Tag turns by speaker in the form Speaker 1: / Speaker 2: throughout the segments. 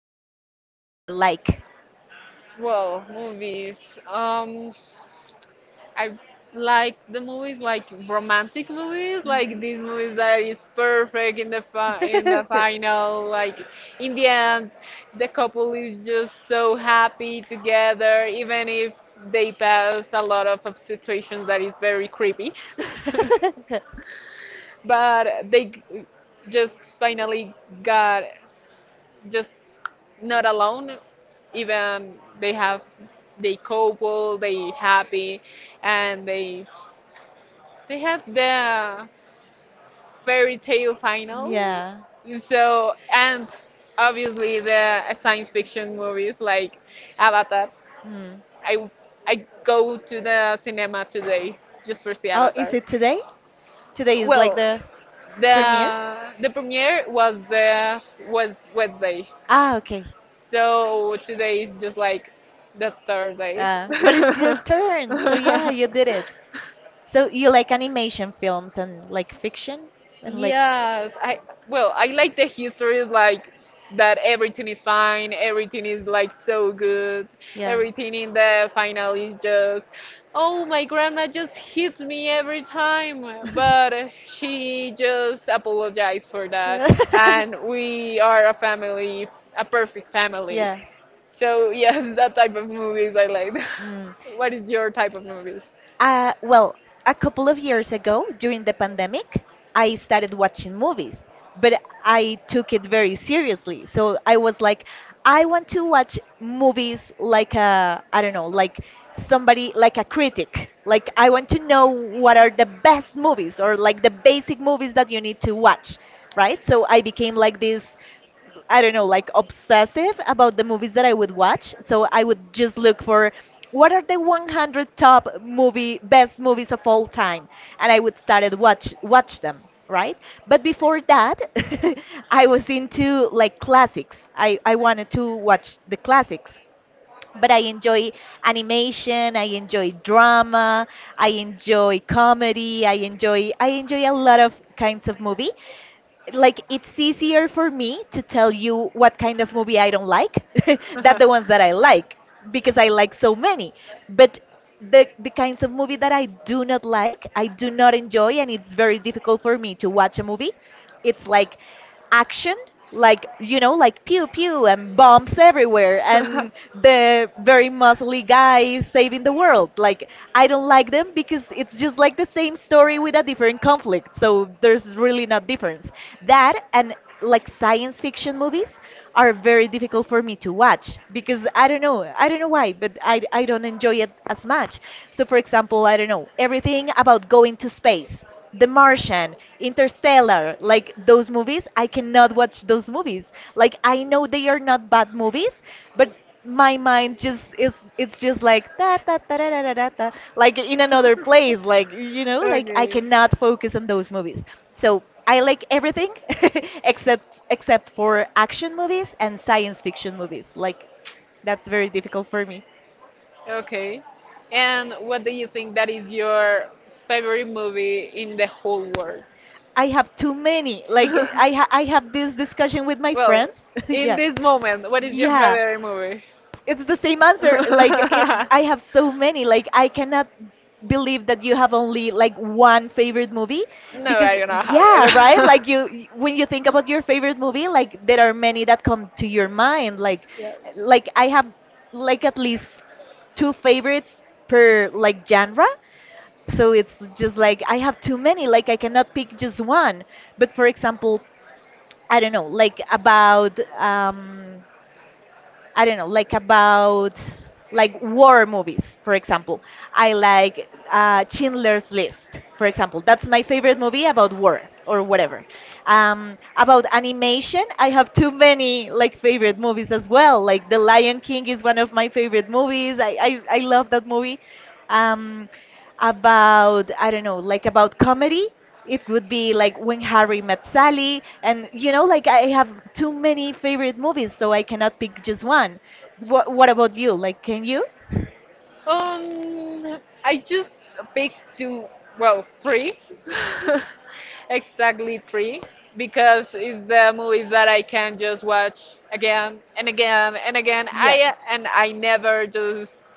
Speaker 1: of movies that you like.
Speaker 2: Well, movies. I like the movies like romantic movies, like
Speaker 1: Mhm.
Speaker 2: these movies that is perfect in the final, like in the end, the couple is just so happy together, even if they pass a lot of situations that is very creepy. But just finally got just not alone even they have they couple they happy and they have the fairy tale final
Speaker 1: Yeah.
Speaker 2: so and obviously the science fiction movies like avatar
Speaker 1: Mm.
Speaker 2: i I go to the cinema today just for see
Speaker 1: Oh, is
Speaker 2: avatar
Speaker 1: it today? Today is like
Speaker 2: well
Speaker 1: the premiere?
Speaker 2: the premiere was the was Wednesday.
Speaker 1: Ah, okay.
Speaker 2: So today is just like the third day.
Speaker 1: But it's your turn, so yeah, you did it. So you like animation films and like fiction and like
Speaker 2: Yes, I well, I like the history like that everything is fine, everything is like so good,
Speaker 1: yeah.
Speaker 2: everything in the final is just oh my grandma just hits me every time, but she just apologized for that and we are a family, a perfect family.
Speaker 1: yeah.
Speaker 2: So yes, that type of movies I like.
Speaker 1: Mm.
Speaker 2: What is your type of movies?
Speaker 1: Well, a couple of years ago during the pandemic, I started watching movies, but I took it very seriously. So I was like, I want to watch movies like a, I don't know, like somebody, like a critic. Like, I want to know what are the best movies or like the basic movies that you need to watch, right? So I became like this, I don't know, like obsessive about the movies that I would watch. So I would just look for what are the 100 top movie best movies of all time, and I would start to watch them, right? But before that, I was into like classics. I wanted to watch the classics. But I enjoy animation, I enjoy drama, I enjoy comedy, I enjoy a lot of kinds of movie, like it's easier for me to tell you what kind of movie I don't like than the ones that I like, because I like so many. But the kinds of movie that I do not like, I do not enjoy, and it's very difficult for me to watch a movie. It's like action, like you know, like pew pew and bombs everywhere and the very muscly guy saving the world, like I don't like them because it's just like the same story with a different conflict, so there's really no difference. That, and like science fiction movies are very difficult for me to watch because I don't know why, but I don't enjoy it as much. So, for example, I don't know, everything about going to space, The Martian, Interstellar, like those movies, I cannot watch those movies. Like, I know they are not bad movies, but my mind just is, it's just like da da da da da da da da, like in another place, like you know, like I
Speaker 2: Okay.
Speaker 1: cannot focus on those movies. So I like everything except for action movies and science fiction movies, like that's very difficult for me.
Speaker 2: Okay. And what do you think that is your favorite movie in the whole world?
Speaker 1: I have too many, like I have this discussion with my
Speaker 2: Well,
Speaker 1: friends.
Speaker 2: in
Speaker 1: Yeah.
Speaker 2: this moment, what is your
Speaker 1: Yeah.
Speaker 2: favorite movie?
Speaker 1: It's the same answer. Like it, I
Speaker 2: I
Speaker 1: have so many. Like I cannot believe that you have only like one favorite movie
Speaker 2: No,
Speaker 1: because
Speaker 2: I don't have it.
Speaker 1: yeah, right? Like when you think about your
Speaker 2: Psychological.
Speaker 1: favorite movie, like there are many that come to your mind.
Speaker 2: Yes.
Speaker 1: Like I have like at least two favorites per like genre. So it's just like I have too many. Like I cannot pick just one. But for example, I don't know, like about I don't know, like about like war movies, for example. I like Schindler's List, for example. That's my favorite movie about war or whatever. About animation, I have too many like favorite movies as well. Like The Lion King is one of my favorite movies. I love that movie. Um, about, I don't know, like about comedy. It would be like When Harry Met Sally, and you know, like I have too many favorite movies, so I cannot pick just one. What about you? Like, can you?
Speaker 2: I just picked two, well, three, exactly three, because it's the movies that I can just watch again and again and again.
Speaker 1: Yeah.
Speaker 2: I and I never just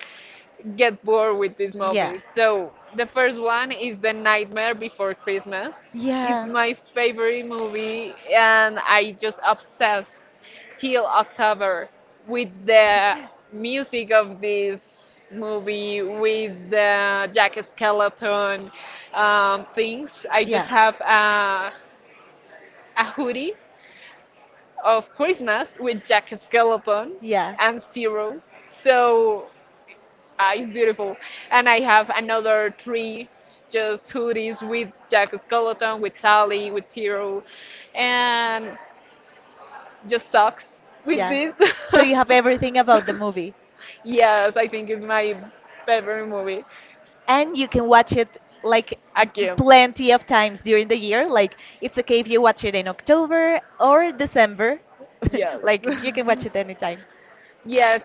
Speaker 2: get bored with these movies. So the first one is The Nightmare Before Christmas. It's
Speaker 1: Yeah. Yeah.
Speaker 2: my favorite movie, and I just obsessed till October with the music of this movie, with the Jack Skeleton things. I just
Speaker 1: Yeah.
Speaker 2: a hoodie of Christmas with Jack Skeleton
Speaker 1: Yeah.
Speaker 2: and Zero. So it's beautiful. And I have another three just hoodies with Jack Skeleton, with Sally, with Zero, and just socks with
Speaker 1: Yeah.
Speaker 2: this.
Speaker 1: So you have everything about the movie.
Speaker 2: Yes, I think it's my favorite movie.
Speaker 1: And you can watch it like
Speaker 2: Again,
Speaker 1: plenty of times during the year. Like it's okay if you watch it in October or December.
Speaker 2: yes.
Speaker 1: Like you can watch it anytime.
Speaker 2: Yes,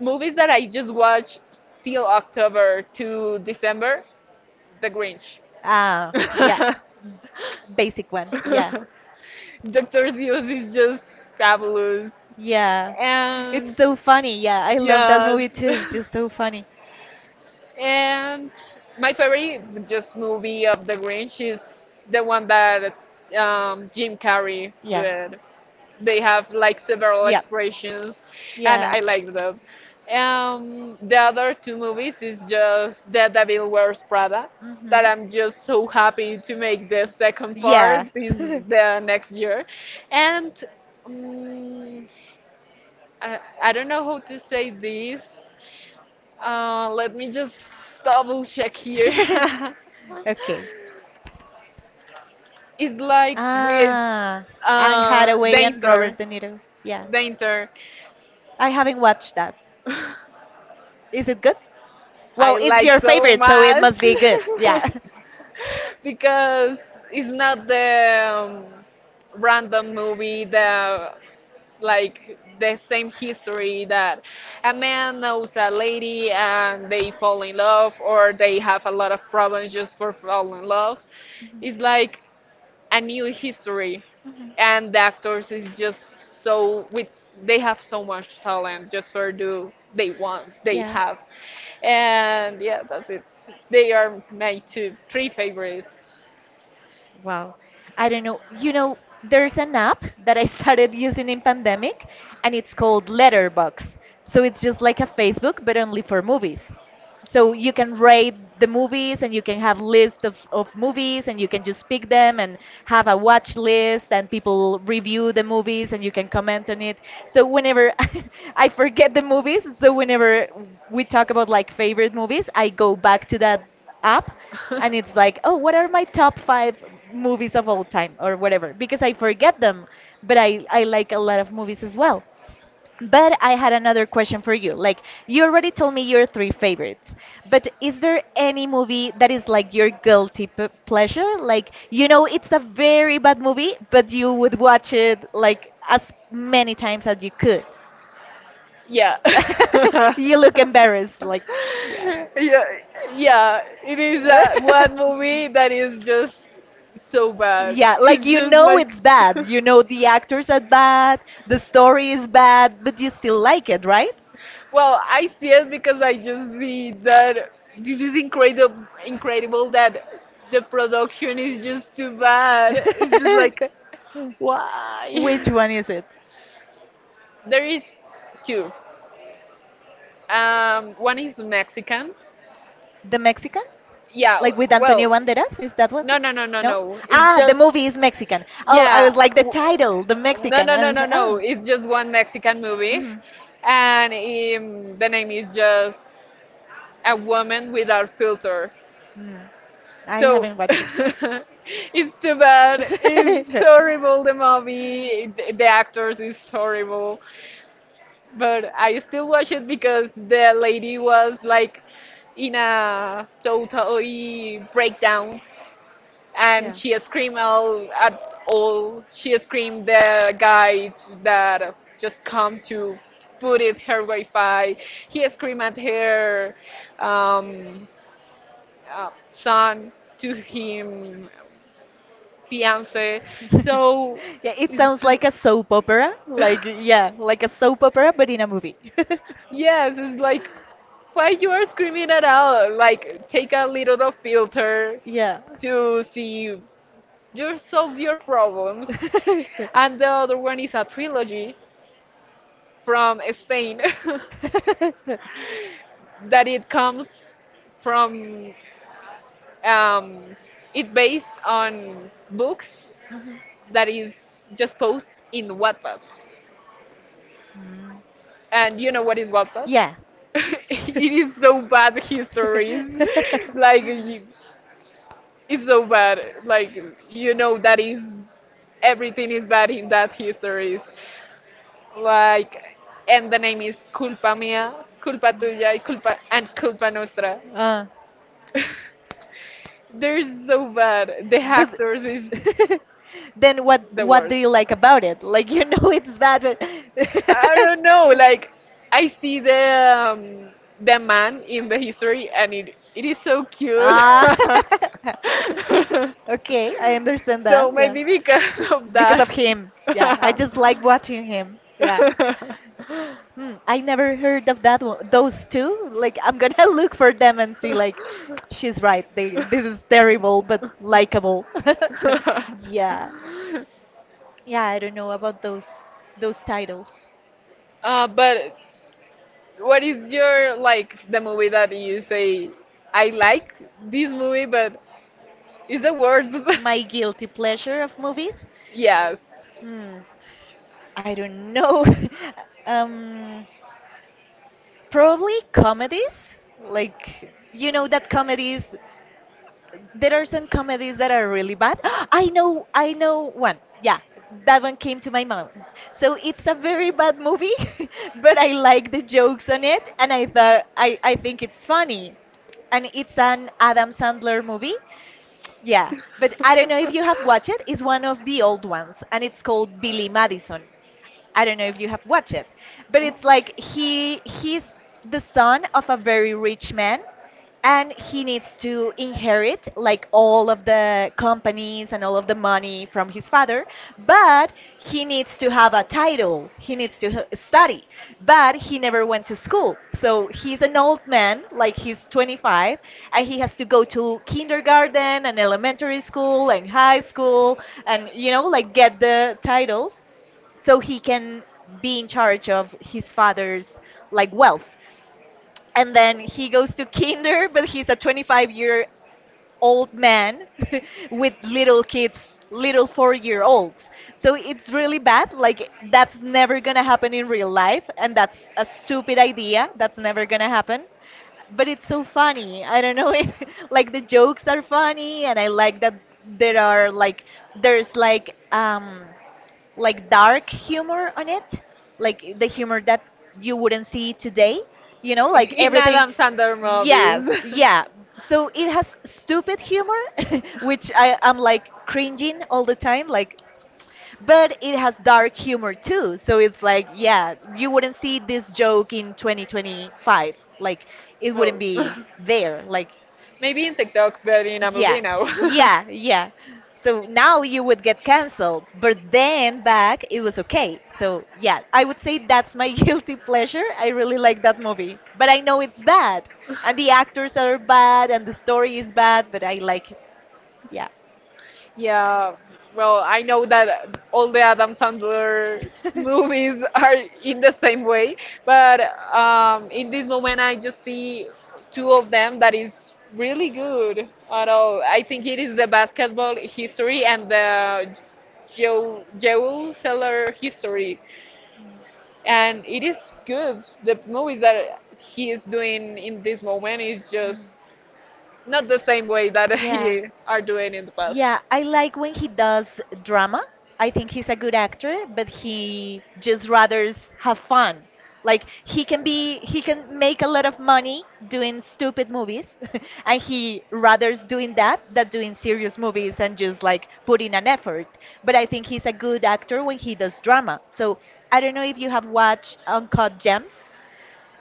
Speaker 2: movies that I just watch till October to December, The Grinch.
Speaker 1: Ah, yeah. Basic one. Yeah.
Speaker 2: Dr. Zeus is just fabulous.
Speaker 1: Yeah. It's
Speaker 2: And
Speaker 1: so funny. Yeah, I love that
Speaker 2: yes.
Speaker 1: movie too. It's just so funny.
Speaker 2: And my favorite just movie of the Grinch is the one that Jim Carrey
Speaker 1: Yeah.
Speaker 2: did. They have like several
Speaker 1: Yeah.
Speaker 2: expressions and
Speaker 1: Yeah.
Speaker 2: I like them. The other two movies is just The Devil Wears Prada
Speaker 1: Mhm.
Speaker 2: that I'm just so happy to make the second
Speaker 1: Yeah.
Speaker 2: part this the next year. And mm I don't know how to say this. Let me just double check here.
Speaker 1: Okay.
Speaker 2: It's like with
Speaker 1: Ah, Anne Hathaway and
Speaker 2: Dainter.
Speaker 1: Robert De Niro. Yeah.
Speaker 2: Dainter.
Speaker 1: I haven't watched that. Is it good? Well,
Speaker 2: I
Speaker 1: it's
Speaker 2: like
Speaker 1: your
Speaker 2: so
Speaker 1: favorite, so it must
Speaker 2: much
Speaker 1: be good. Yeah.
Speaker 2: because it's not the random movie, the like the same history that a man knows a lady and they fall in love or they have a lot of problems just for fall in love it's like a new history
Speaker 1: Mhm.
Speaker 2: and the actors is just so with they have so much talent just for do they want they have and yeah that's it they are my two three favorites
Speaker 1: Wow. I don't know. You know, there's an app that I started using in pandemic and it's called Letterbox. So it's just like a Facebook but only for movies. So you can rate the movies and you can have lists of movies and you can just pick them and have a watch list and people review the movies and you can comment on it. So whenever I forget the movies, so whenever we talk about like favorite movies, I go back to that app and it's like, oh, what are my top 5 movies of all time or whatever, because I forget them. But I like a lot of movies as well. But I had another question for you. Like, you already told me your three favorites, but is there any movie that is like your guilty p pleasure? Like, you know, it's a very bad movie, but you would watch it like as many times as you could.
Speaker 2: Yeah.
Speaker 1: You look embarrassed, like, yeah.
Speaker 2: Yeah, yeah. It is one movie that is just so bad.
Speaker 1: Yeah, like
Speaker 2: It's
Speaker 1: you
Speaker 2: just
Speaker 1: know
Speaker 2: like.
Speaker 1: it's bad. You know the actors are bad, the story is bad, but you still like it, right?
Speaker 2: Well, I see it because I just see that this is incredible. Incredible that the production is just too bad. It's just like
Speaker 1: Which
Speaker 2: why.
Speaker 1: one is it?
Speaker 2: There is two. One is Mexican.
Speaker 1: The Mexican?
Speaker 2: Yeah.
Speaker 1: Like with Antonio
Speaker 2: Well,
Speaker 1: Banderas? Is that what?
Speaker 2: no, no, no, no,
Speaker 1: No?
Speaker 2: no. It's ah,
Speaker 1: Ah, the
Speaker 2: just movie,
Speaker 1: movie is Mexican. Oh, I
Speaker 2: yeah.
Speaker 1: was like the title, the
Speaker 2: No,
Speaker 1: Mexican.
Speaker 2: no,
Speaker 1: I
Speaker 2: no,
Speaker 1: was
Speaker 2: no,
Speaker 1: like,
Speaker 2: no.
Speaker 1: oh.
Speaker 2: It's just one Mexican movie,
Speaker 1: Mhm.
Speaker 2: and the name is just a woman without filter.
Speaker 1: Mm. I
Speaker 2: So
Speaker 1: haven't watched it.
Speaker 2: it's too bad. It's horrible. The movie, the actors is horrible, but I still watch it because the lady was like in a totally breakdown and
Speaker 1: Yeah.
Speaker 2: she screamed all at all. She screamed the guy that just come to put it her Wi-Fi. He screamed at her um, son to him fiance. So
Speaker 1: Yeah, it sounds like a soap opera. Like, yeah, like a soap opera, but in a movie.
Speaker 2: yes, it's like why you are screaming at all? Like take a little of filter
Speaker 1: Yeah.
Speaker 2: to see you solve your problems. And the other one is a trilogy from Spain.
Speaker 1: that it.
Speaker 2: That it comes from um, it based on books that is just posted in Wattpad.
Speaker 1: Mm.
Speaker 2: And you know what is Wattpad?
Speaker 1: Yeah.
Speaker 2: It is so bad histories. Like you, it's so bad. Like you know that is everything is bad in that histories. Like and the name is culpa mia, culpa tuya, y culpa and culpa nostra.
Speaker 1: uh,
Speaker 2: They're so bad. The
Speaker 1: But
Speaker 2: actors is
Speaker 1: then what
Speaker 2: the
Speaker 1: what
Speaker 2: world.
Speaker 1: do you like about it? Like you know it's bad, but
Speaker 2: I don't know. Like I see the man in the history, and it is so cute.
Speaker 1: ah, okay, I understand that.
Speaker 2: So
Speaker 1: Yeah,
Speaker 2: maybe because of
Speaker 1: because of
Speaker 2: that.
Speaker 1: him. Yeah, I just like watching him. Yeah. Hmm, I never heard of that one. Those two. Like I'm gonna look for them and see. Like, she's right. They this is terrible but likable. Yeah. Yeah, I don't know about those titles.
Speaker 2: But what is your like the movie that you say I like this movie but it's the worst?
Speaker 1: My guilty pleasure of movies?
Speaker 2: Yes.
Speaker 1: Hmm, I don't know. um, probably comedies. Like you know that comedies, there are some comedies that are really bad. I know one. Yeah, that one came to my mind. So it's a very bad movie, but I like the jokes on it, and I thought I think it's funny, and it's an Adam Sandler movie. Yeah, but I don't know if you have watched it. It's one of the old ones, and it's called Billy Madison. I don't know if you have watched it, but it's like he's the son of a very rich man and he needs to inherit like all of the companies and all of the money from his father, but he needs to have a title, he needs to study, but he never went to school, so he's an old man, like he's 25, and he has to go to kindergarten and elementary school and high school, and you know, like get the titles so he can be in charge of his father's like wealth. And then he goes to kinder, but he's a 25-year-old year old man with little kids, little 4-year-olds year olds. So it's really bad. Like that's never going to happen in real life and that's a stupid idea. That's never going to happen. But it's so funny. I don't know if like the jokes are funny, and I like that there are like there's like dark humor on it, like the humor that you wouldn't see today. You know, like
Speaker 2: In
Speaker 1: everything.
Speaker 2: Adam Sandler
Speaker 1: Yes,
Speaker 2: movies.
Speaker 1: yeah. So it has stupid humor, which I am like cringing all the time. Like, but it has dark humor too. So it's like, yeah, you wouldn't see this joke in 2025. Like, it wouldn't
Speaker 2: No.
Speaker 1: be there. Like,
Speaker 2: Maybe in TikTok but in a movie
Speaker 1: yeah,
Speaker 2: now.
Speaker 1: yeah, yeah. So now you would get canceled, but then back it was okay. So yeah, I would say that's my guilty pleasure. I really like that movie, but I know it's bad, and the actors are bad, and the story is bad, but I like it. Yeah.
Speaker 2: Yeah, well, I know that all the Adam Sandler movies are in the same way, but in this moment I just see two of them that is really good. I know. I think it is the basketball history and the Joe Joel Seller history, and it is good. The movies that he is doing in this moment is just not the same way that
Speaker 1: Yeah.
Speaker 2: he are doing in the past.
Speaker 1: Yeah, I like when he does drama. I think he's a good actor, but he just rather have fun. Like he can make a lot of money doing stupid movies and he rather doing that than doing serious movies and just like putting an effort. But I think he's a good actor when he does drama. So I don't know if you have watched Uncut Gems.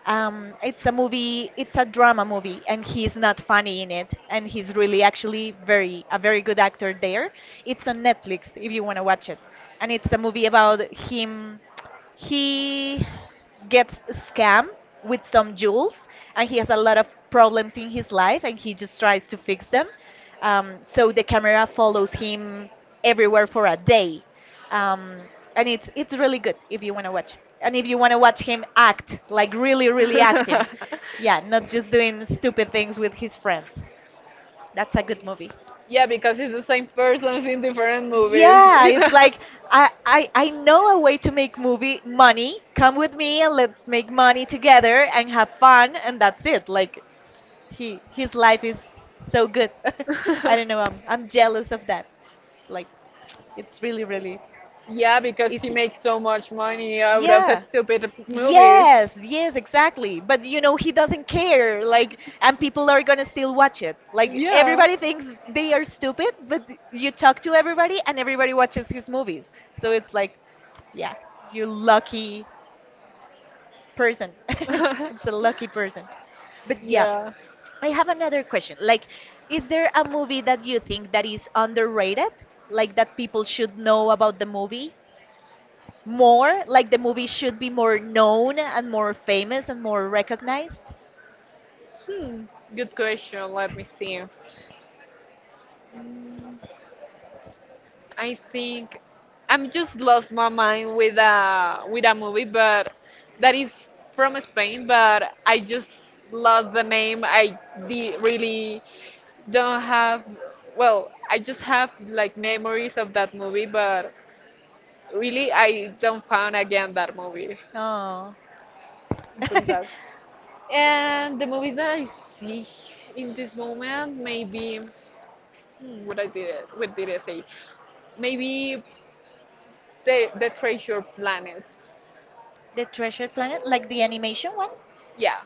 Speaker 1: It's a movie, it's a drama movie, and he's not funny in it, and he's really actually very a very good actor there. It's on Netflix if you want to watch it, and it's a movie about him. He gets scammed with some jewels, and he has a lot of problems in his life, and he just tries to fix them. So the camera follows him everywhere for a day um, and it's really good if you want to watch it and if you want to watch him act like really really acting,
Speaker 2: Act,
Speaker 1: yeah, not just doing stupid things with his friends. That's a good movie.
Speaker 2: yeah, because it's the same persons in different
Speaker 1: Yeah, it's like, I know a way to make movie money, come with me and let's make money together and have fun and that's it. Like, he, his life is so good. I don't know, I'm jealous of that. Like, it's really really
Speaker 2: yeah, because he
Speaker 1: easy.
Speaker 2: makes so much money out
Speaker 1: Yeah.
Speaker 2: stupid movies.
Speaker 1: Yes, yes, exactly. But you know, he doesn't care. Like, and people are gonna still watch it. Like,
Speaker 2: Yeah.
Speaker 1: everybody thinks they are stupid, but you talk to everybody and everybody watches his movies. So it's like, yeah, you lucky person. It's a lucky person. But yeah,
Speaker 2: Yeah.
Speaker 1: I have another question. Like, is there a movie that you think that is underrated? Like, that people should know about the movie? More like the movie should be more known and more famous and more recognized.
Speaker 2: Hmm. Good question. Let me see. I think I'm just lost my mind with a movie, but that is from Spain. But I just lost the name. Really don't have. Well, I just have like memories of that movie, but really, I don't found again that movie.
Speaker 1: Oh,
Speaker 2: So
Speaker 1: the
Speaker 2: that. And the movies that I see in this moment, maybe hmm, what did I say? Maybe the Treasure Planet.
Speaker 1: Treasure Planet, like the animation one?
Speaker 2: Yeah,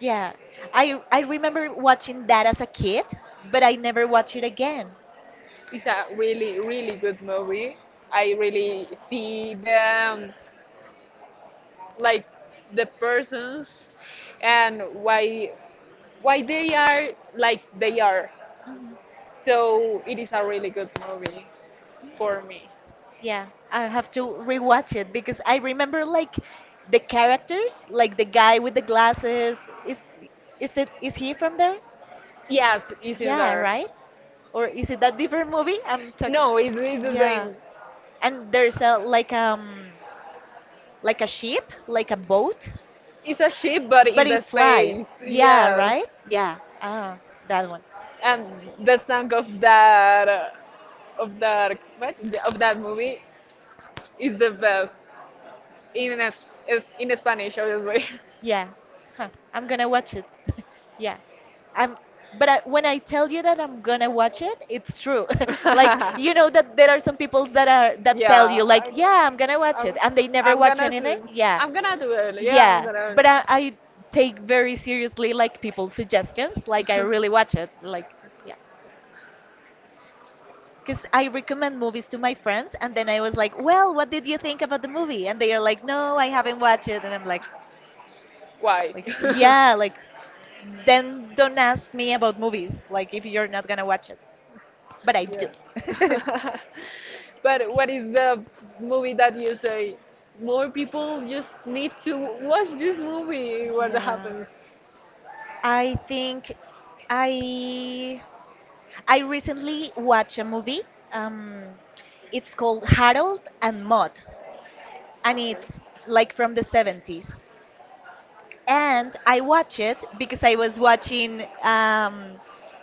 Speaker 1: Yeah, I remember watching that as a kid, but I never watched it again.
Speaker 2: it's a really really good movie. I really see the like the persons and why they are like they are.
Speaker 1: Hmm.
Speaker 2: So it is a really good movie for me.
Speaker 1: Yeah, I have to rewatch it because I remember like the characters, like the guy with the glasses, is is it, is he from there?
Speaker 2: Yes, it's in
Speaker 1: Yeah,
Speaker 2: there.
Speaker 1: right. Or is it that different movie I'm talking?
Speaker 2: No, it's the
Speaker 1: Yeah.
Speaker 2: same.
Speaker 1: And there's a like a ship, like a boat,
Speaker 2: It's a ship, but in
Speaker 1: but it
Speaker 2: the
Speaker 1: flies.
Speaker 2: space.
Speaker 1: Yeah,
Speaker 2: Yes.
Speaker 1: right? Yeah. Ah, that one.
Speaker 2: And the song of that what of that movie is the best is in Spanish, obviously.
Speaker 1: Yeah. Huh. I'm gonna watch it. Yeah. I'm, but I, when I tell you that I'm gonna watch it, it's true. Like, you know that there are some people that are that tell
Speaker 2: Yeah.
Speaker 1: you like,
Speaker 2: I know.
Speaker 1: yeah, I'm gonna watch it,
Speaker 2: I'm,
Speaker 1: and they never
Speaker 2: I'm
Speaker 1: watch
Speaker 2: gonna
Speaker 1: anything.
Speaker 2: do.
Speaker 1: Yeah,
Speaker 2: I'm gonna do it. Yeah, I'm
Speaker 1: yeah.
Speaker 2: gonna.
Speaker 1: But I take very seriously like people's suggestions. Like, I really watch it. Like, yeah. Because I recommend movies to my friends, and then I was like, "Well, what did you think about the movie?" And they are like, "No, I haven't watched it." And I'm like,
Speaker 2: Why?
Speaker 1: "Yeah, like, then don't ask me about movies. Like, if you're not gonna watch it, but I
Speaker 2: Like
Speaker 1: do."
Speaker 2: yeah. Think. But what is the movie that you say more people just need to watch this movie? What
Speaker 1: Yeah,
Speaker 2: happens?
Speaker 1: I think I I recently watched a movie. Um, it's called Harold and Maude, and it's like from the 70s. And I watched it because I was watching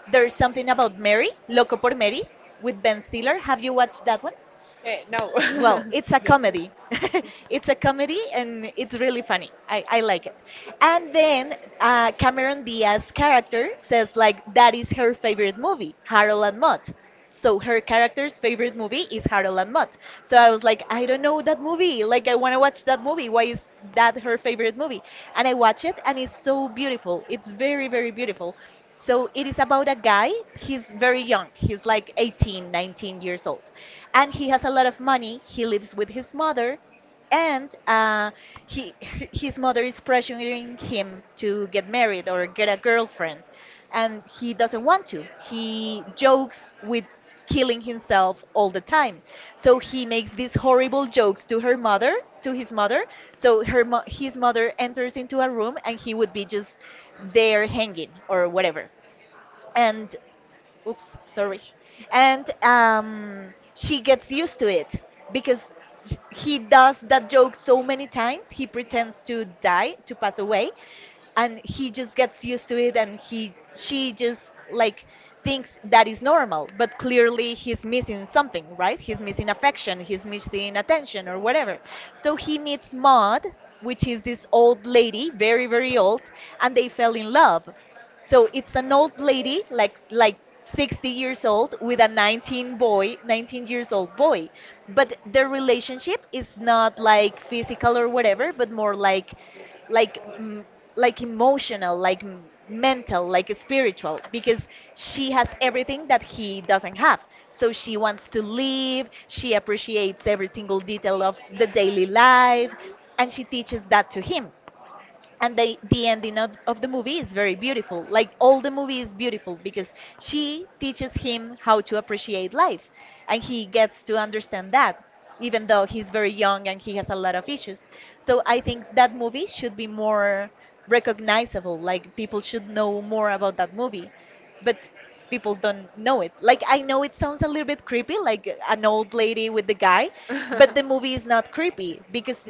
Speaker 1: There's Something About Mary, Loco por Mary, with Ben Stiller. Have you watched that one?
Speaker 2: Eh, no. No,
Speaker 1: Well, it's a
Speaker 2: it's
Speaker 1: comedy. It's
Speaker 2: a
Speaker 1: a
Speaker 2: yeah.
Speaker 1: comedy and it's really funny. I like it. And then Cameron Diaz's character says, like, that is her favorite movie, Harold and Maude. So her character's favorite movie is Harold and Maude. So I was like, I don't know that movie. Like, I want to watch that movie. Why is that her favorite movie? And I watch it, and it's so beautiful. It's very, very beautiful. So it is about a guy. He's very young. He's like 18, 19 years old and he has a lot of money. He lives with his mother, and he his mother is pressuring him to get married or get a girlfriend, and he doesn't want to. He jokes with killing himself all the time. So he makes these horrible jokes to her mother, to his mother. So his mother enters into a room and he would be just there hanging or whatever. And oops, sorry. And she gets used to it because he does that joke so many times. He pretends to die, to pass away, and he just gets used to it. And she just like thinks that is normal, but clearly he's missing something, right? He's missing affection, he's missing attention or whatever. So he meets Maud, which is this old lady, very very old, and they fell in love. So it's an old lady, like 60 years old, with a 19 boy, 19 years old boy. But their relationship is not like physical or whatever, but more like like emotional, like mental, like spiritual, because she has everything that he doesn't have. So she wants to live. She appreciates every single detail of the daily life, and she teaches that to him, and the ending of the movie is very beautiful, like all the movie is beautiful because she teaches him how to appreciate life and he gets to understand that even though he's very young and he has a lot of issues. So I think that movie should be more recognizable, like people should know more about that movie, but people don't know it. Like, I know it sounds a little bit creepy, like an old lady with the guy,
Speaker 2: It.
Speaker 1: but the movie is not creepy because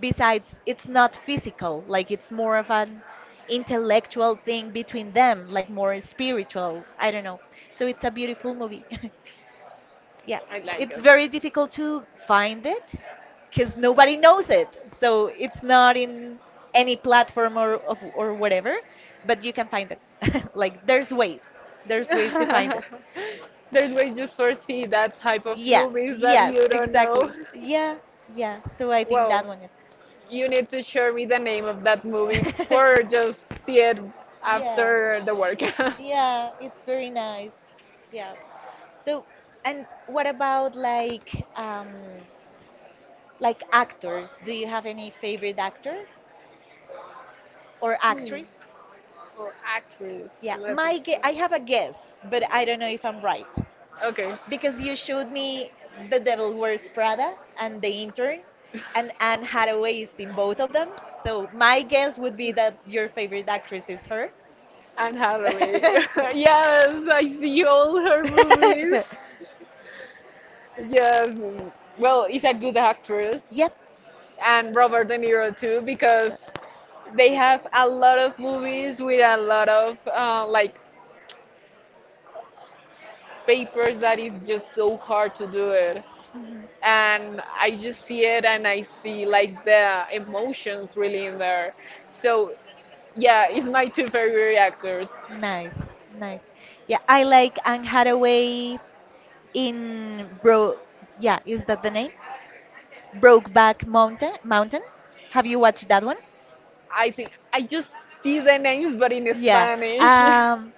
Speaker 1: besides it's not physical, like it's more of an intellectual thing between them, like more spiritual, I don't know. So it's a beautiful movie. Yeah,
Speaker 2: I like
Speaker 1: it's
Speaker 2: it.
Speaker 1: very difficult to find it because nobody knows it, so it's not in any platform or whatever, but you can find it. Like, there's ways, there's ways to find it.
Speaker 2: There's way you foresee that type of yeah
Speaker 1: Yeah,
Speaker 2: movies that yeah
Speaker 1: yes,
Speaker 2: you don't know.
Speaker 1: exactly. Yeah, yeah. So I think
Speaker 2: Well,
Speaker 1: that one is.
Speaker 2: you need to share me the name of that movie or just see it
Speaker 1: Yeah,
Speaker 2: after the work.
Speaker 1: yeah, it's very nice. Yeah. So, and what about um like actors? Do you have any favorite actor or
Speaker 2: Hmm.
Speaker 1: actress?
Speaker 2: Or actress.
Speaker 1: Yeah,
Speaker 2: Let me
Speaker 1: I have a
Speaker 2: see.
Speaker 1: guess, but I don't know if I'm right.
Speaker 2: Okay.
Speaker 1: Because you showed me The Devil Wears Prada and The Intern, and Anne Hathaway is in both of them. So my guess would be that your favorite actress is her.
Speaker 2: Anne Hathaway. Yes, I see all her movies. Yes. Well, is a good actress.
Speaker 1: Yep.
Speaker 2: And Robert De Niro too because they have a lot of movies with a lot of like papers that is just so hard to do it.
Speaker 1: Mhm.
Speaker 2: And I just see it and I see like the emotions really in there. So yeah, it's my two favorite actors.
Speaker 1: Nice, nice. Yeah, I like Anne Hathaway in Bro. Yeah, is that the name? Brokeback Mountain. Mountain. Have you watched that one?
Speaker 2: I think I just see the names but in
Speaker 1: Yeah.
Speaker 2: Spanish.
Speaker 1: Um,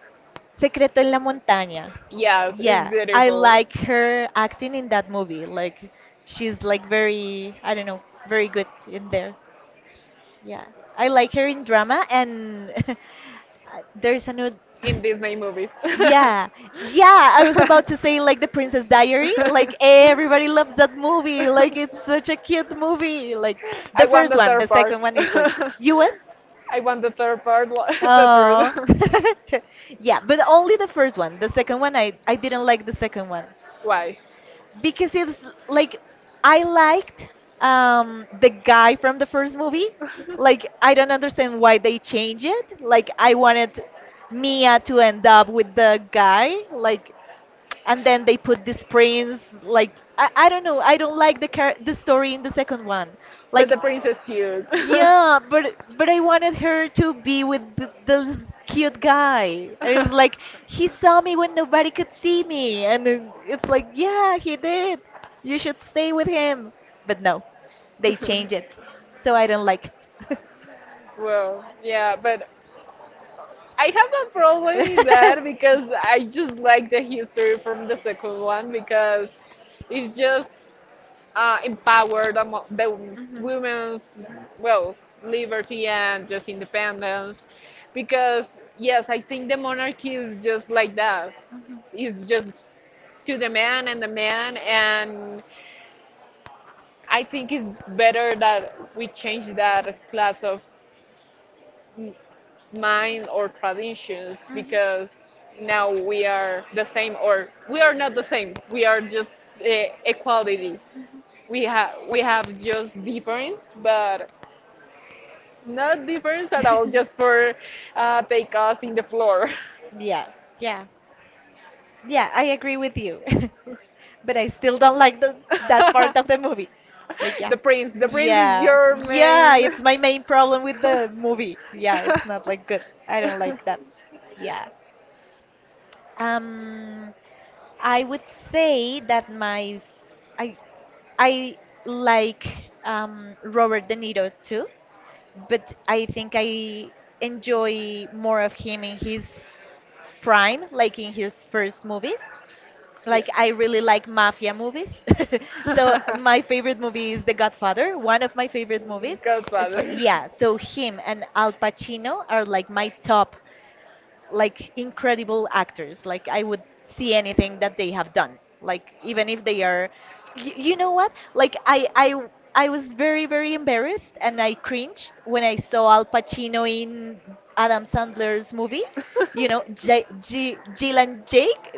Speaker 1: Secreto en la Montaña.
Speaker 2: Yes, it's
Speaker 1: Yeah, I
Speaker 2: beautiful
Speaker 1: like her acting in that movie. Like, she's like very, I don't know, very good in there. Yeah, I like her in drama, and there's another.
Speaker 2: in Disney movies.
Speaker 1: Yeah, yeah, I was about to say like The Princess Diary. Like, everybody loves that movie. Like, it's such a cute movie. Like,
Speaker 2: I
Speaker 1: the
Speaker 2: want
Speaker 1: first one, the second one is like, you what?
Speaker 2: I want the third part,
Speaker 1: Oh.
Speaker 2: truth.
Speaker 1: Yeah, but only the first one. The second one, I didn't like the second one.
Speaker 2: Why?
Speaker 1: Because it's like, I liked the guy from the first movie. Like, I don't understand why they change it. Like, I wanted Mia to end up with the guy. Like, and then they put this prince. Like, I don't know. I don't like the, the story in the second one.
Speaker 2: But
Speaker 1: Like,
Speaker 2: the prince is cute.
Speaker 1: yeah, but I wanted her to be with the cute guy. And it was like he saw me when nobody could see me, and then it's like yeah, he did. You should stay with him. But no,
Speaker 2: He
Speaker 1: they
Speaker 2: did.
Speaker 1: change it, so I don't like it.
Speaker 2: Well, yeah, but I have a problem in that because I just like the history from the second one because it's just empowered the women's well liberty and just independence because yes I think the
Speaker 1: Mhm.
Speaker 2: monarchy is just like that
Speaker 1: Mhm.
Speaker 2: it's just to the man and I think it's better that we change that class of mm, mind or traditions
Speaker 1: Mhm.
Speaker 2: because now we are the same or we are not the same we are just uh, equality
Speaker 1: Mhm.
Speaker 2: we have just difference but not difference at all just for take us in the floor
Speaker 1: Yeah, yeah, yeah, I agree with you. But I still don't like the that part of the movie. Like, yeah.
Speaker 2: the prince is yeah,
Speaker 1: Yeah,
Speaker 2: your
Speaker 1: yeah, favorite.
Speaker 2: yeah,
Speaker 1: It's my
Speaker 2: main
Speaker 1: main problem with the movie. Yeah, it's not like good. I don't like that. Yeah. Um, I would say that I like Robert De Niro too, but I think I enjoy more of him in his prime, like in his first movies. Like I really like mafia movies. So
Speaker 2: yeah
Speaker 1: my favorite movie is The Godfather, one of my favorite movies. It's
Speaker 2: Godfather.
Speaker 1: like yeah, so him and Al Pacino are like my top, like incredible actors. Like I would see anything that they have done. Like even if they are, you know what? Like I was very very embarrassed and I cringed when I saw Al Pacino in Adam Sandler's movie. You know, Jill and Jake.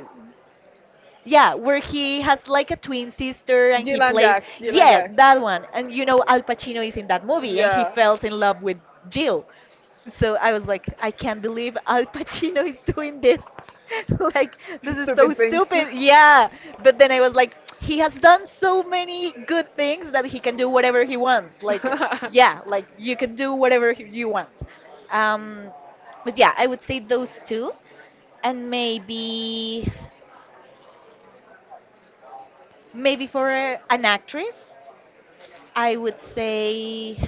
Speaker 1: Yeah, where he has like a twin sister and he plays.
Speaker 2: Jack.
Speaker 1: Yeah, that one. And you know, Al Pacino is in that movie and he falls in love with Jill. So I was like, I can't believe Al Pacino is doing this. Like, this is so stupid. Yeah. But then I was like, he has done so many good things that he can do whatever he wants. Like,
Speaker 2: Wants. Like,
Speaker 1: yeah, like you can do whatever you want. Um, but yeah, I would say those two. And maybe. Maybe for an actress, I would say,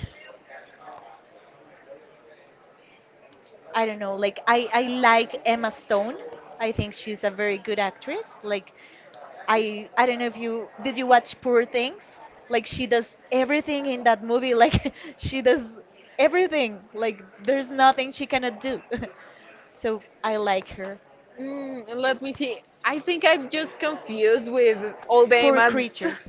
Speaker 1: I don't know, like I like Emma Stone. I think she's a very good actress. Like I don't know if you did you watch Poor Things? Like she does everything in that movie. Like she does everything. Like there's nothing she cannot do. So I like her.
Speaker 2: mm, let me see. I think I'm just confused with all the
Speaker 1: Poor
Speaker 2: emas,
Speaker 1: creatures.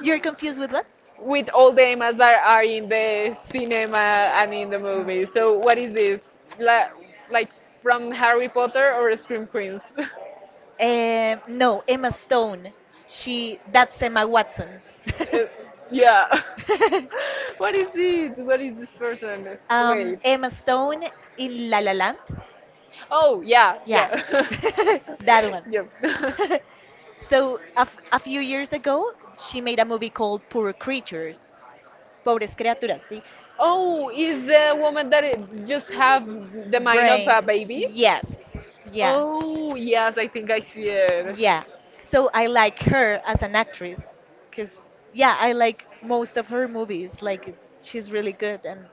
Speaker 1: You're confused with what?
Speaker 2: with all the emas that are in the cinema and in the movie. So what is this? La, like from Harry Potter or Scream Queens?
Speaker 1: Queens? No, Emma Stone. She That's Emma Watson.
Speaker 2: Uh, yeah. What is it? What is this person?
Speaker 1: Um,
Speaker 2: Wait.
Speaker 1: Emma Stone in La La Land.
Speaker 2: Oh yeah,
Speaker 1: Yeah,
Speaker 2: yeah.
Speaker 1: that one.
Speaker 2: Yep.
Speaker 1: So a few years ago, she made a movie called Poor Creatures, Pobres Criaturas. See,
Speaker 2: Oh, is the woman that it just have the mind of
Speaker 1: brain.
Speaker 2: a baby?
Speaker 1: Yes. Yeah.
Speaker 2: Oh, yes, I think I see it.
Speaker 1: Yeah. So I like her as an actress cuz yeah, I like most of her movies. Like she's really good, and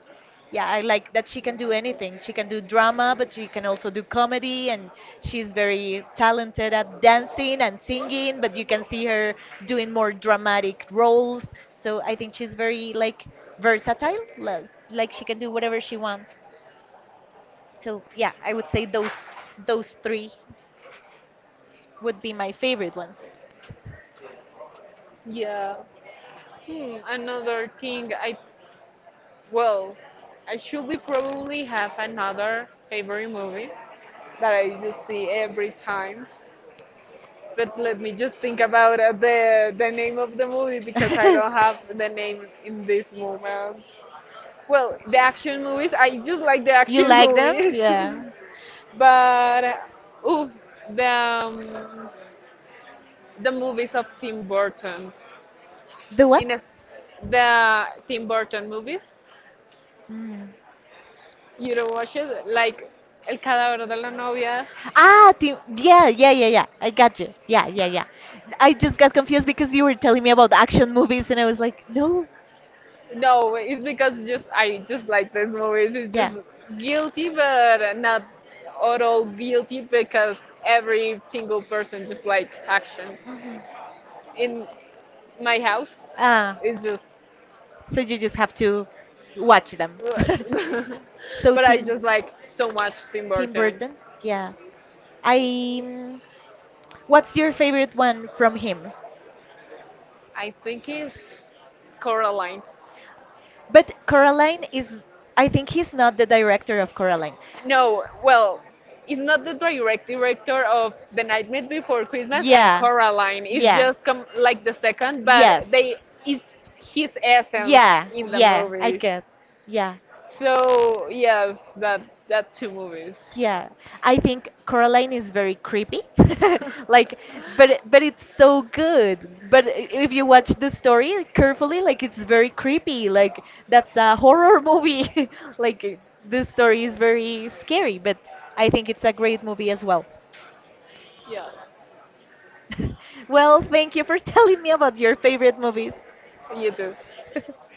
Speaker 1: yeah, I like that she can do anything. She can do drama, but she can also do comedy, and she's very talented at dancing and singing, but you can see her doing more dramatic roles. So I think she's very like versatile, like she can do whatever she wants. So yeah, I would say those three would be my favorite ones.
Speaker 2: Yeah. Hmm, another thing I well, I should be probably have another favorite movie that I just see every time. But let me just think about the name of the movie because I don't have the name in this moment. Well, the action movies, I just like the
Speaker 1: You
Speaker 2: action
Speaker 1: like them?
Speaker 2: movies.
Speaker 1: Yeah.
Speaker 2: But oof, the um, the movies of Tim Burton.
Speaker 1: The what?
Speaker 2: In a, the Tim Burton movies,
Speaker 1: Mm.
Speaker 2: you don't watch it like El Cadáver de la Novia.
Speaker 1: Ah, Tim, yeah, yeah, yeah, yeah. I got you. Yeah, yeah, yeah. I just got confused because you were telling me about the action movies, and I was like, no.
Speaker 2: No, it's because just I just like these movies. It's just
Speaker 1: Yeah.
Speaker 2: guilty, but not at all guilty because every single person just like action.
Speaker 1: Mhm.
Speaker 2: In my house,
Speaker 1: Ah.
Speaker 2: it's just
Speaker 1: So you just have to watch them.
Speaker 2: Rush.
Speaker 1: So
Speaker 2: But I just like so much Tim
Speaker 1: Tim
Speaker 2: Burton.
Speaker 1: Burton, yeah. I what's your favorite one from him?
Speaker 2: I think it's Coraline.
Speaker 1: But Coraline is, I think he's not the director of Coraline.
Speaker 2: No, well, it's not the direct director of The Nightmare Before Christmas and
Speaker 1: Yeah.
Speaker 2: Coraline. It's
Speaker 1: Yeah.
Speaker 2: just like the second, but yeah,
Speaker 1: Yes.
Speaker 2: they it's his essence
Speaker 1: Yeah,
Speaker 2: in the
Speaker 1: yeah, I
Speaker 2: movies. Okay,
Speaker 1: get. Yeah.
Speaker 2: so yes, that two movies.
Speaker 1: Yeah, I think Coraline is very creepy. Like, but it's so good. But if you watch the story carefully, like it's very creepy. Like that's a horror movie. Like the story is very scary, but I think it's a great movie as well.
Speaker 2: Yeah,
Speaker 1: Well, thank you for telling me about your favorite movies.
Speaker 2: you do.